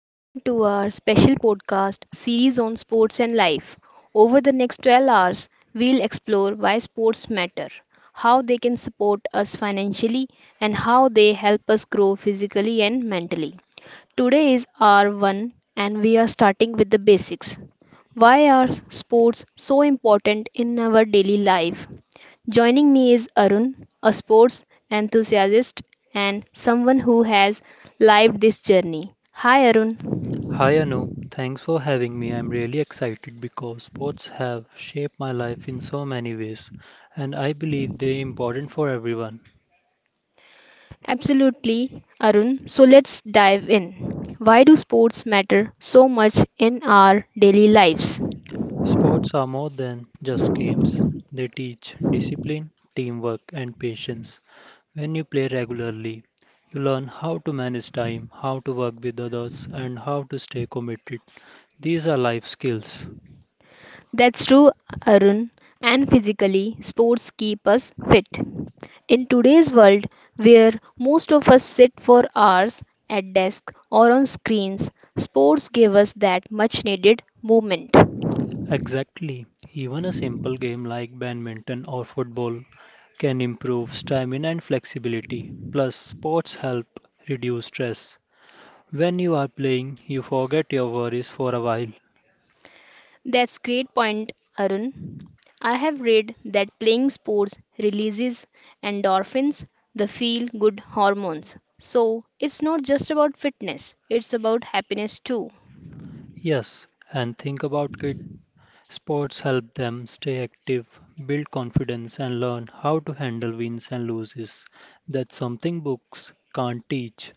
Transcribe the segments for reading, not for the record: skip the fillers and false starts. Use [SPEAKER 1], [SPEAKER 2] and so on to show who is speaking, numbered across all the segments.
[SPEAKER 1] Welcome to our special podcast series on sports and life. Over the next 12 hours, we'll explore why sports matter, how they can support us financially, and how they help us grow physically and mentally. Today is R1, and we are starting with the basics. Why are sports so important in our daily life? Joining me is Arun, a sports enthusiast and someone who has lived this journey. Hi, Arun.
[SPEAKER 2] Hi Anu, thanks for having me. I'm really excited because sports have shaped my life in so many ways, and I believe they're important for everyone.
[SPEAKER 1] Absolutely, Arun. So let's dive in. Why do sports matter so much in our daily lives?
[SPEAKER 2] Sports are more than just games, they teach discipline, teamwork, and patience. When you play regularly, you learn how to manage time, how to work with others, and how to stay committed. These are life skills.
[SPEAKER 1] That's true, Arun. And physically, sports keep us fit. In today's world, where most of us sit for hours at desk or on screens, sports give us that much needed movement.
[SPEAKER 2] Exactly. Even a simple game like badminton or football can improve stamina and flexibility. Plus, sports help reduce stress. When you are playing, you forget your worries for a while.
[SPEAKER 1] That's great point, Arun. I have read that playing sports releases endorphins, the feel good hormones. So, it's not just about fitness, it's about happiness too.
[SPEAKER 2] Yes, and think about kids. Sports help them stay active, build confidence, and learn how to handle wins and losses. That's something books can't teach.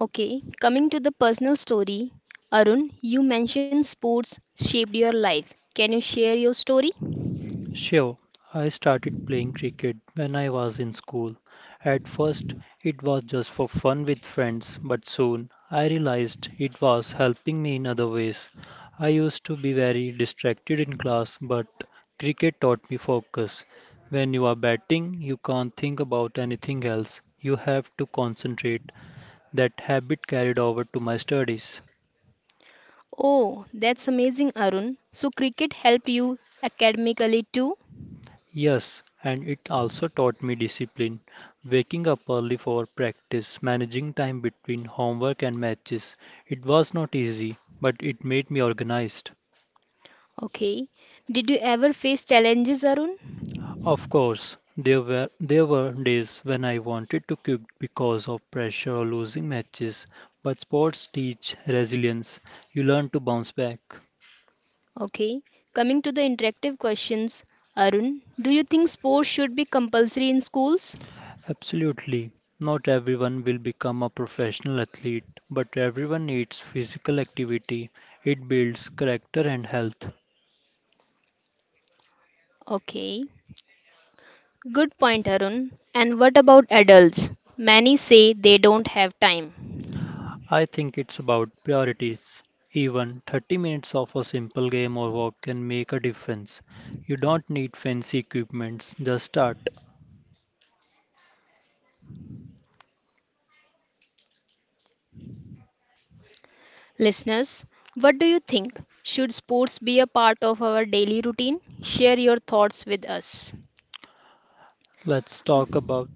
[SPEAKER 1] Okay, coming to the personal story, Arun, you mentioned sports shaped your life. Can you share your story?
[SPEAKER 2] Sure, I started playing cricket when I was in school. At first, it was just for fun with friends, but soon I realized it was helping me in other ways. I used to be very distracted in class, but cricket taught me focus. When you are batting, you can't think about anything else. You have to concentrate. That habit carried over to my studies.
[SPEAKER 1] Oh, that's amazing, Arun. So, cricket helped you academically too?
[SPEAKER 2] Yes, and it also taught me discipline. Waking up early for practice, managing time between homework and matches. It was not easy, but it made me organized.
[SPEAKER 1] Okay. Did you ever face challenges, Arun?
[SPEAKER 2] Of course, there were days when I wanted to quit because of pressure or losing matches, but sports teach resilience. You learn to bounce back.
[SPEAKER 1] Okay, coming to the interactive questions, Arun, do you think sports should be compulsory in schools?
[SPEAKER 2] Absolutely. Not everyone will become a professional athlete, but everyone needs physical activity. It builds character and health.
[SPEAKER 1] Okay, good point, Arun. And what about adults? Many say they don't have time.
[SPEAKER 2] I think it's about priorities. Even 30 minutes of a simple game or walk can make a difference. You don't need fancy equipments, just start.
[SPEAKER 1] Listeners, what do you think? Should sports be a part of our daily routine? Share your thoughts with us.
[SPEAKER 2] Let's talk about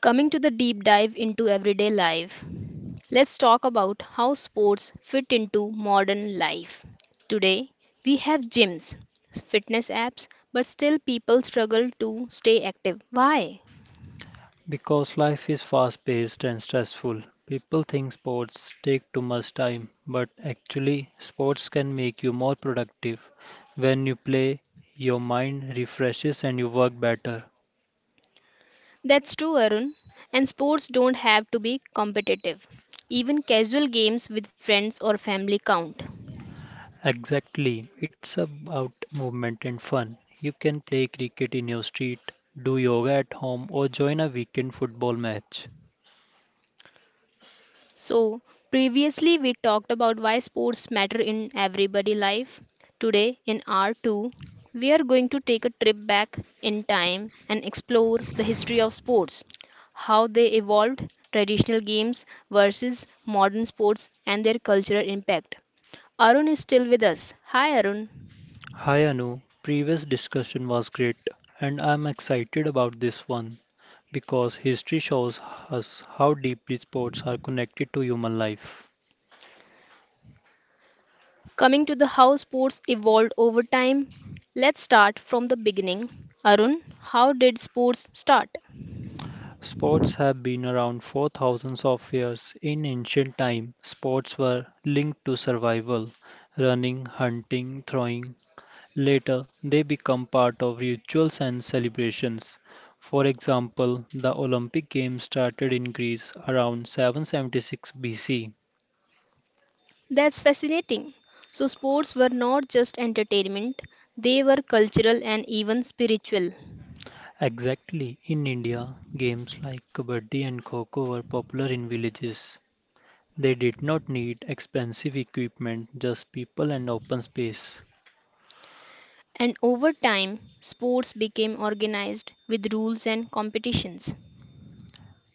[SPEAKER 1] Coming to the deep dive into everyday life, let's talk about how sports fit into modern life. Today, we have gyms, fitness apps, but still people struggle to stay active. Why?
[SPEAKER 2] Because life is fast paced and stressful, people think sports take too much time, but actually, sports can make you more productive. When you play, your mind refreshes and you work better.
[SPEAKER 1] That's true, Arun. And sports don't have to be competitive. Even casual games with friends or family count.
[SPEAKER 2] Exactly, it's about movement and fun. You can play cricket in your street, do yoga at home, or join a weekend football match.
[SPEAKER 1] So, previously we talked about why sports matter in everybody life. Today in R 2, we are going to take a trip back in time and explore the history of sports, how they evolved, traditional games versus modern sports and their cultural impact. Arun is still with us. Hi Arun.
[SPEAKER 2] Hi Anu, previous discussion was great, and I'm excited about this one, because history shows us how deeply sports are connected to human life.
[SPEAKER 1] Coming to the how sports evolved over time, let's start from the beginning. Arun, how did sports start?
[SPEAKER 2] Sports have been around for thousands of years. In ancient time, sports were linked to survival, running, hunting, throwing. Later, they become part of rituals and celebrations. For example, the Olympic Games started in Greece around 776 BC.
[SPEAKER 1] That's fascinating. So, sports were not just entertainment, they were cultural and even spiritual.
[SPEAKER 2] Exactly, in India, games like Kabaddi and Kho Kho were popular in villages. They did not need expensive equipment, just people and open space.
[SPEAKER 1] And over time, sports became organized with rules and competitions.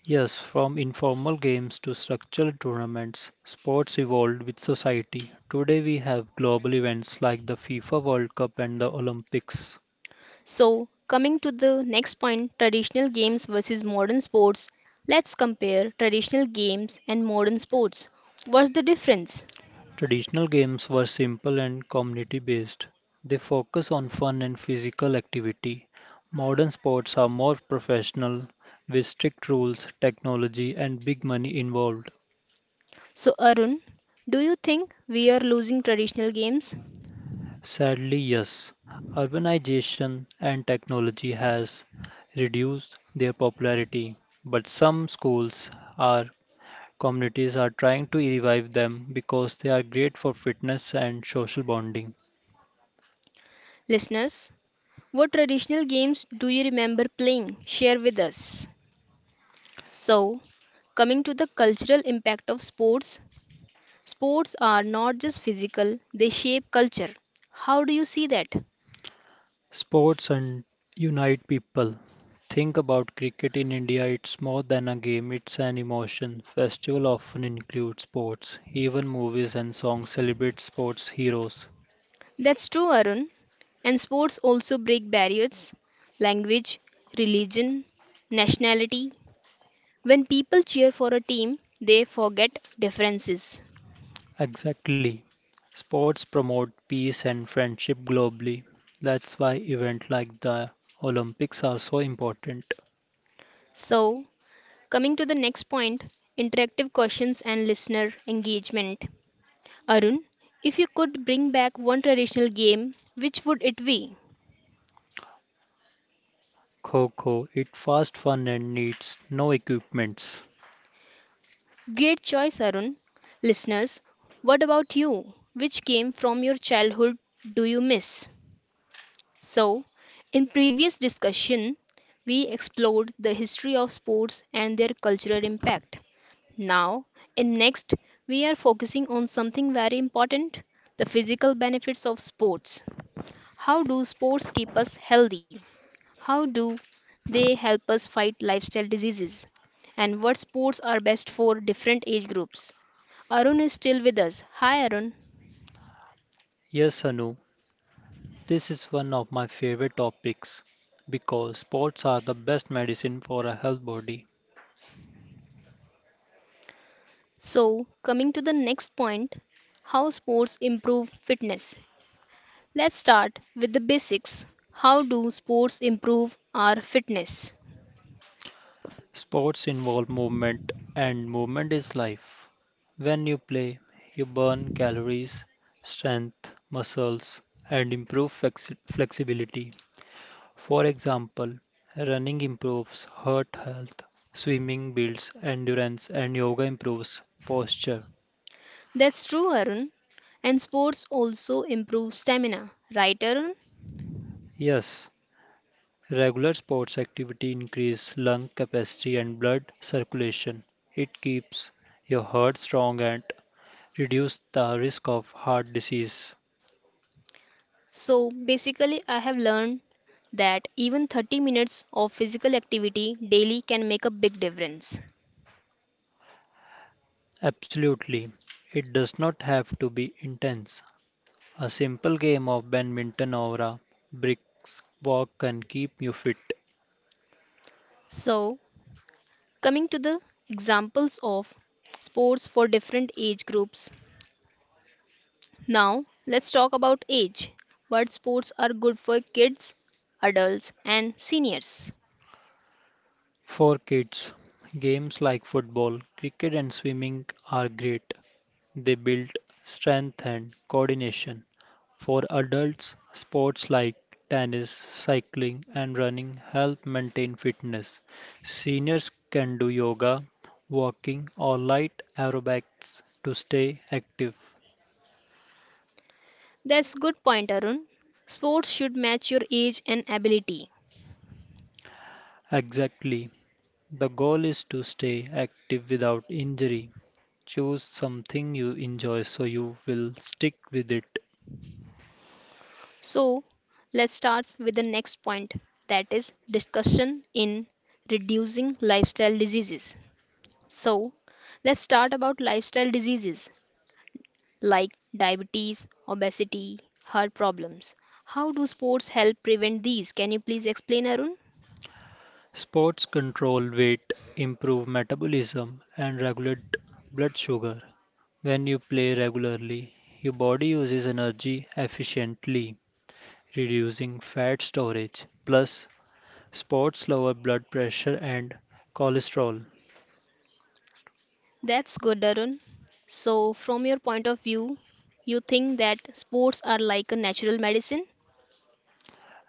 [SPEAKER 2] Yes, from informal games to structured tournaments, sports evolved with society. Today we have global events like the FIFA World Cup and the Olympics.
[SPEAKER 1] So, coming to the next point traditional games versus modern sports, let's compare traditional games and modern sports. What's the difference?
[SPEAKER 2] Traditional games were simple and community based. They focus on fun and physical activity. Modern sports are more professional, with strict rules, technology, and big money involved.
[SPEAKER 1] So, Arun, do you think we are losing traditional games?
[SPEAKER 2] Sadly, yes. Urbanization and technology has reduced their popularity, but some schools or communities are trying to revive them because they are great for fitness and social bonding.
[SPEAKER 1] Listeners, what traditional games do you remember playing? Share with us. So, coming to the cultural impact of sports, sports are not just physical, they shape culture. How do you see that?
[SPEAKER 2] Sports and unite people. Think about cricket in India, it's more than a game, it's an emotion. Festival often include sports. Even movies and songs celebrate sports heroes.
[SPEAKER 1] That's true, Arun. And sports also break barriers language, religion, nationality. When people cheer for a team, they forget differences.
[SPEAKER 2] Exactly. Sports promote peace and friendship globally. That's why events like the Olympics are so important.
[SPEAKER 1] So, coming to the next point interactive questions and listener engagement. Arun, if you could bring back one traditional game, which would it be?
[SPEAKER 2] Kho it's fast fun and needs no equipments.
[SPEAKER 1] Great choice, Arun. Listeners, what about you? Which game from your childhood do you miss? So, in previous discussion, we explored the history of sports and their cultural impact. Now, in next, we are focusing on something very important, the physical benefits of sports. How do sports keep us healthy? How do they help us fight lifestyle diseases? And what sports are best for different age groups? Arun is still with us. Hi, Arun.
[SPEAKER 2] Yes, Anu, this is one of my favorite topics because sports are the best medicine for a health body.
[SPEAKER 1] So, coming to the next point how sports improve fitness. Let's start with the basics. How do sports improve our fitness?
[SPEAKER 2] Sports involve movement, and movement is life. When you play, you burn calories, strength, muscles, and improve flexibility. For example, running improves heart health, swimming builds endurance, and yoga improves posture.
[SPEAKER 1] That's true, Arun. And sports also improve stamina, right, Arun?
[SPEAKER 2] Yes, regular sports activity increase lung capacity and blood circulation. It keeps your heart strong and reduce the risk of heart disease.
[SPEAKER 1] So basically, I have learned that even 30 minutes of physical activity daily can make a big difference.
[SPEAKER 2] Absolutely. It does not have to be intense. A simple game of badminton or a bricks walk can keep you fit.
[SPEAKER 1] So, coming to the examples of sports for different age groups. Now, let's talk about age. What sports are good for kids, adults, and seniors?
[SPEAKER 2] For kids, games like football, cricket, and swimming are great. They build strength and coordination. For adults, sports like tennis, cycling, and running help maintain fitness. Seniors can do yoga, walking, or light aerobics to stay active.
[SPEAKER 1] That's good point, Arun. Sports should match your age and ability.
[SPEAKER 2] Exactly. The goal is to stay active without injury. Choose something you enjoy so you will stick with it.
[SPEAKER 1] So, let's start with the next point that is discussion in reducing lifestyle diseases. So, let's start about lifestyle diseases like diabetes, obesity, heart problems. How do sports help prevent these? Can you please explain, Arun?
[SPEAKER 2] Sports control weight, improve metabolism, and regulate blood sugar. When you play regularly, your body uses energy efficiently, reducing fat storage. Plus, sports lower blood pressure and cholesterol.
[SPEAKER 1] That's good, Arun. So, from your point of view, you think that sports are like a natural medicine?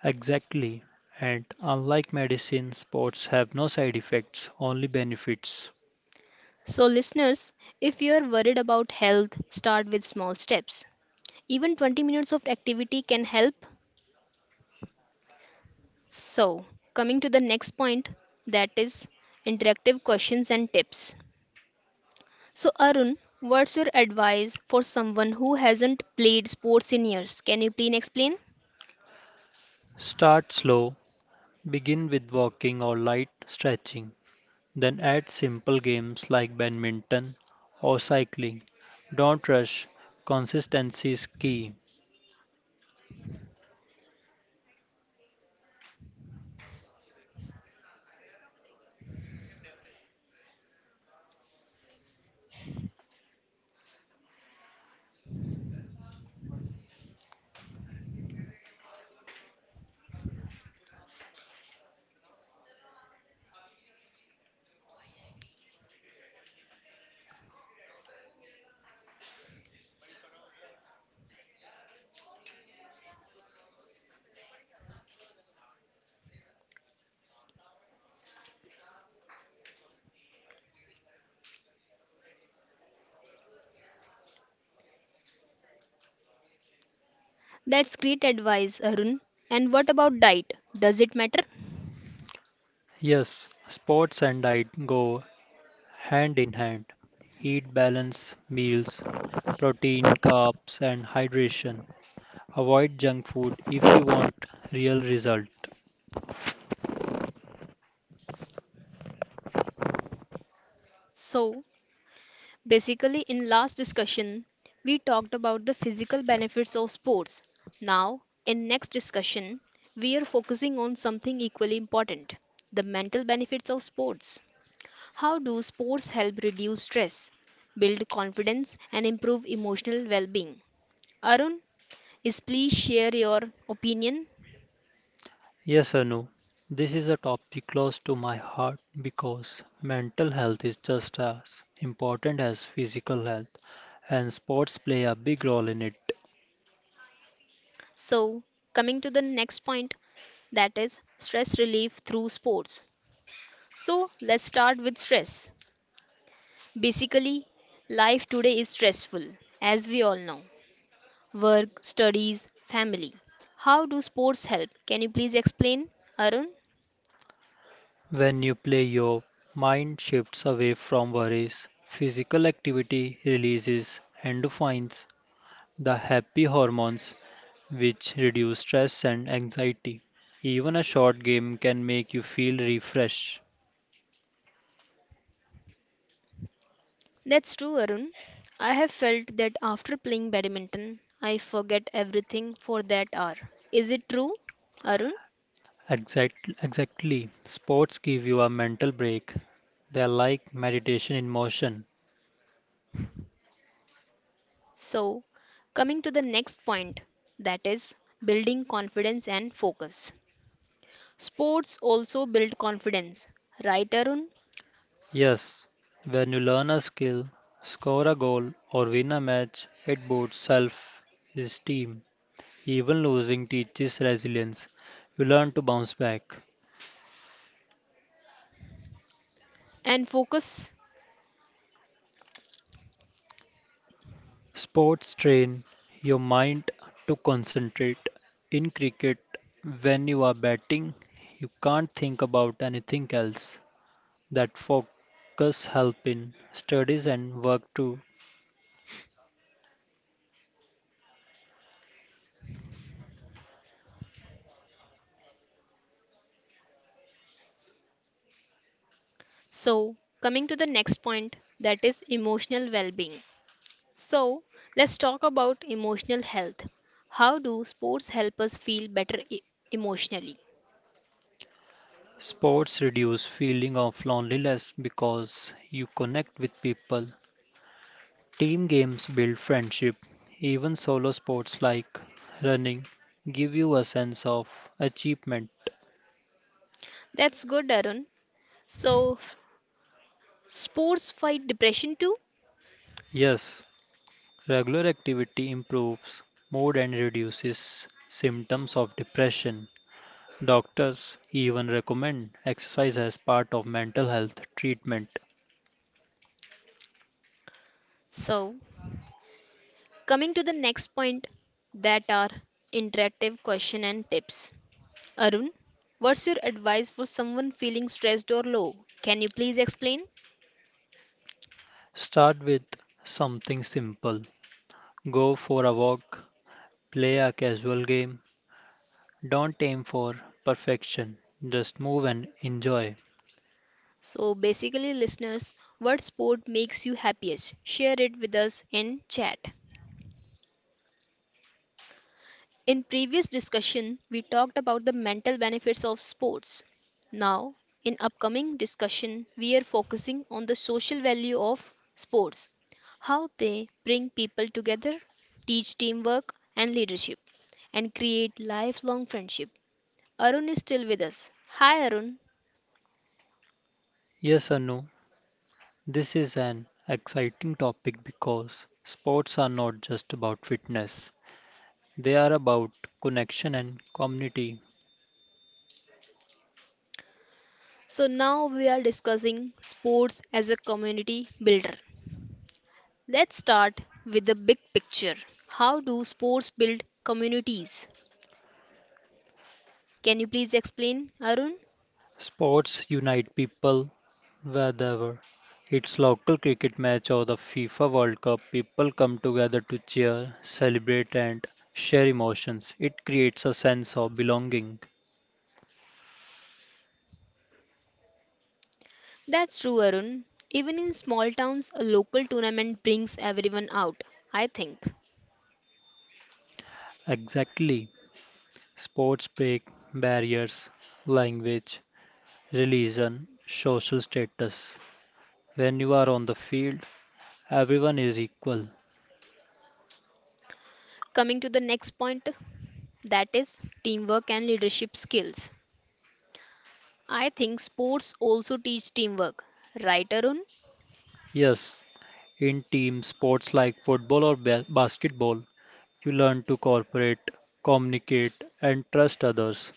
[SPEAKER 2] Exactly. And unlike medicine, sports have no side effects, only benefits.
[SPEAKER 1] So, listeners, if you are worried about health, start with small steps. Even 20 minutes of activity can help. So, coming to the next point that is interactive questions and tips. So, Arun, what's your advice for someone who hasn't played sports in years? Can you please explain?
[SPEAKER 2] Start slow, begin with walking or light stretching, then add simple games like badminton or cycling. Don't rush, consistency is key.
[SPEAKER 1] That's great advice, Arun. And what about diet? Does it matter?
[SPEAKER 2] Yes, sports and diet go hand in hand. Eat balanced meals, protein, carbs, and hydration. Avoid junk food if you want real result.
[SPEAKER 1] So, basically, in last discussion, we talked about the physical benefits of sports. Now, in next discussion, we are focusing on something equally important, the mental benefits of sports. How do sports help reduce stress, build confidence and improve emotional well-being? Arun, is please share your opinion.
[SPEAKER 2] Yes, or no? This is a topic close to my heart because mental health is just as important as physical health, and sports play a big role in it.
[SPEAKER 1] So, coming to the next point, that is stress relief through sports. So, let's start with stress. Basically, life today is stressful, as we all know. Work, studies, family. How do sports help? Can you please explain, Arun?
[SPEAKER 2] When you play, your mind shifts away from worries. Physical activity releases endorphins, the happy hormones, which reduce stress and anxiety. Even a short game can make you feel refreshed.
[SPEAKER 1] That's true, Arun. I have felt that after playing badminton, I forget everything for that hour. Is it true, Arun?
[SPEAKER 2] Exactly. Sports give you a mental break. They're like meditation in motion.
[SPEAKER 1] So, coming to the next point, that is building confidence and focus. Sports also build confidence, right, Arun?
[SPEAKER 2] Yes, when you learn a skill, score a goal, or win a match, it boosts self esteem. Even losing teaches resilience. You learn to bounce back.
[SPEAKER 1] And focus.
[SPEAKER 2] Sports train your mind to concentrate. In cricket, when you are batting, you can't think about anything else. That focus help in studies and work too.
[SPEAKER 1] So, coming to the next point, that is emotional well being. So, let's talk about emotional health. How do sports help us feel better emotionally?
[SPEAKER 2] Sports reduce feeling of loneliness because you connect with people. Team games build friendship. Even solo sports like running give you a sense of achievement.
[SPEAKER 1] That's good, Arun. So, sports fight depression too?
[SPEAKER 2] Yes, regular activity improves mood and reduces symptoms of depression. Doctors even recommend exercise as part of mental health treatment.
[SPEAKER 1] So, coming to the next point, that are interactive question and tips. Arun, what's your advice for someone feeling stressed or low? Can you please explain?
[SPEAKER 2] Start with something simple. Go for a walk, play a casual game. Don't aim for perfection, just move and enjoy.
[SPEAKER 1] So, basically, listeners, what sport makes you happiest? Share it with us in chat. In previous discussion, we talked about the mental benefits of sports. Now, in upcoming discussion, we are focusing on the social value of sports, how they bring people together, teach teamwork and leadership, and create lifelong friendship. Arun is still with us. Hi, Arun.
[SPEAKER 2] Yes, Anu, this is an exciting topic because sports are not just about fitness, they are about connection and community.
[SPEAKER 1] So now we are discussing sports as a community builder. Let's start with the big picture. How do sports build communities? Can you please explain, Arun?
[SPEAKER 2] Sports unite people wherever. It's local cricket match or the FIFA World Cup. People come together to cheer, celebrate, and share emotions. It creates a sense of belonging.
[SPEAKER 1] That's true, Arun. Even in small towns, a local tournament brings everyone out, I think.
[SPEAKER 2] Exactly. Sports break barriers, language, religion, social status. When you are on the field, everyone is equal.
[SPEAKER 1] Coming to the next point, that is teamwork and leadership skills. I think sports also teach teamwork, right, Arun?
[SPEAKER 2] Yes, in team sports like football or basketball, you learn to cooperate, communicate, and trust others.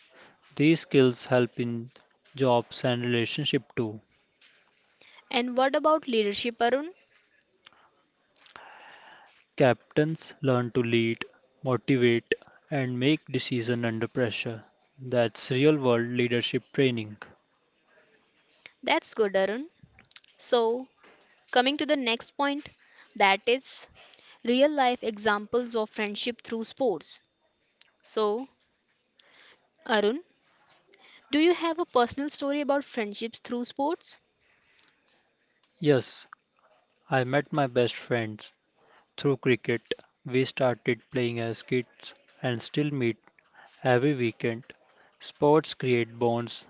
[SPEAKER 2] These skills help in jobs and relationship too.
[SPEAKER 1] And what about leadership, Arun?
[SPEAKER 2] Captains learn to lead, motivate, and make decision under pressure. That's real world leadership training.
[SPEAKER 1] That's good, Arun. So, coming to the next point, that is real life examples of friendship through sports. So, Arun, do you have a personal story about friendships through sports?
[SPEAKER 2] Yes, I met my best friends through cricket. We started playing as kids and still meet every weekend. Sports create bonds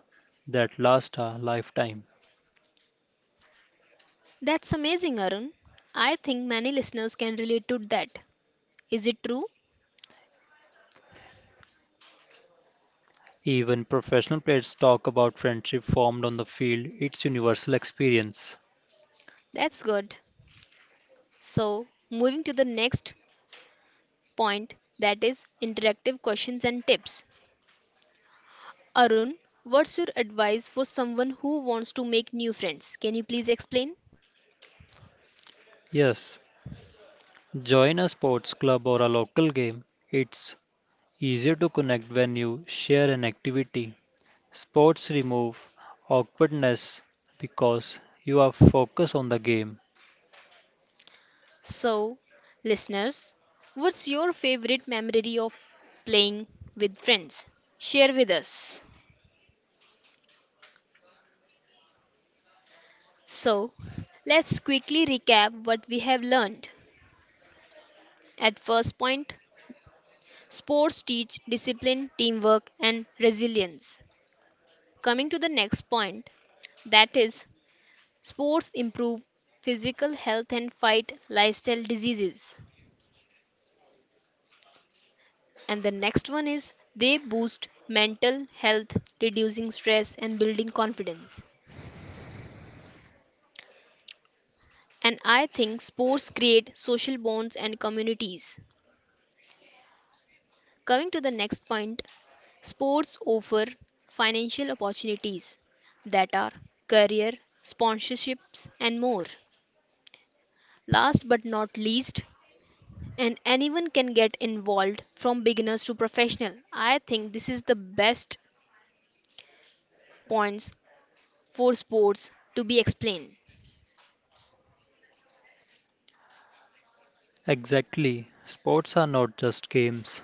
[SPEAKER 2] that last a lifetime.
[SPEAKER 1] That's amazing, Arun. I think many listeners can relate to that. Is it true?
[SPEAKER 2] Even professional players talk about friendship formed on the field, it's universal experience.
[SPEAKER 1] That's good. So, moving to the next point, that is interactive questions and tips. Arun, what's your advice for someone who wants to make new friends? Can you please explain?
[SPEAKER 2] Yes, join a sports club or a local game. It's easier to connect when you share an activity. Sports remove awkwardness because you are focused on the game.
[SPEAKER 1] So, listeners, what's your favorite memory of playing with friends? Share with us. So, let's quickly recap what we have learned. At first point, sports teach discipline, teamwork, and resilience. Coming to the next point, that is, sports improve physical health and fight lifestyle diseases. And the next one is, they boost mental health, reducing stress and building confidence. And I think sports create social bonds and communities. Coming to the next point, sports offer financial opportunities that are career, sponsorships, and more. Last but not least, and anyone can get involved from beginners to professional. I think this is the best points for sports to be explained.
[SPEAKER 2] Exactly. Sports are not just games,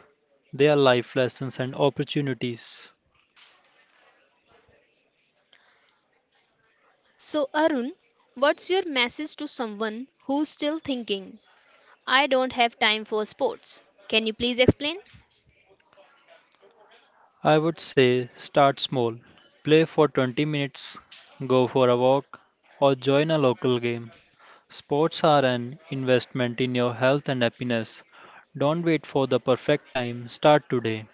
[SPEAKER 2] they are life lessons and opportunities.
[SPEAKER 1] So, Arun, what's your message to someone who's still thinking I don't have time for sports. Can you please explain?
[SPEAKER 2] I would say start small. Play for 20 minutes, go for a walk, or join a local game. Sports are an investment in your health and happiness. Don't wait for the perfect time, start today.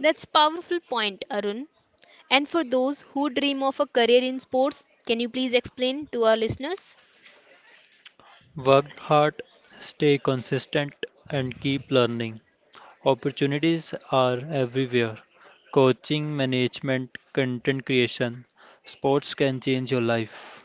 [SPEAKER 1] That's powerful point, Arun. And for those who dream of a career in sports, can you please explain to our listeners?
[SPEAKER 2] Work hard, stay consistent, and keep learning. Opportunities are everywhere. Coaching, management, content creation. Sports can change your life.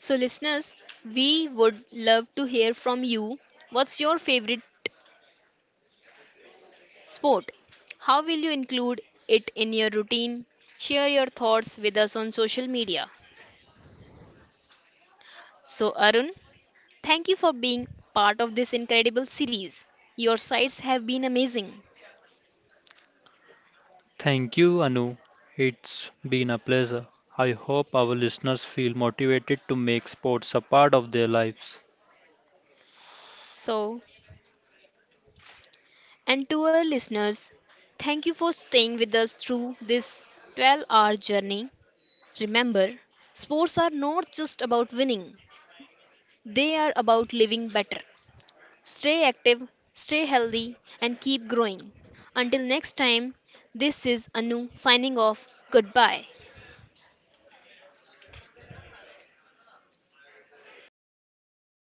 [SPEAKER 1] So listeners, we would love to hear from you. What's your favorite sport? How will you include it in your routine? Share your thoughts with us on social media. So, Arun, thank you for being part of this incredible series. Your sites have been amazing.
[SPEAKER 2] Thank you, Anu. It's been a pleasure. I hope our listeners feel motivated to make sports a part of their lives.
[SPEAKER 1] So, and to our listeners, thank you for staying with us through this 12-hour journey. Remember, sports are not just about winning, they are about living better. Stay active, stay healthy, and keep growing. Until next time, this is Anu signing off. Goodbye.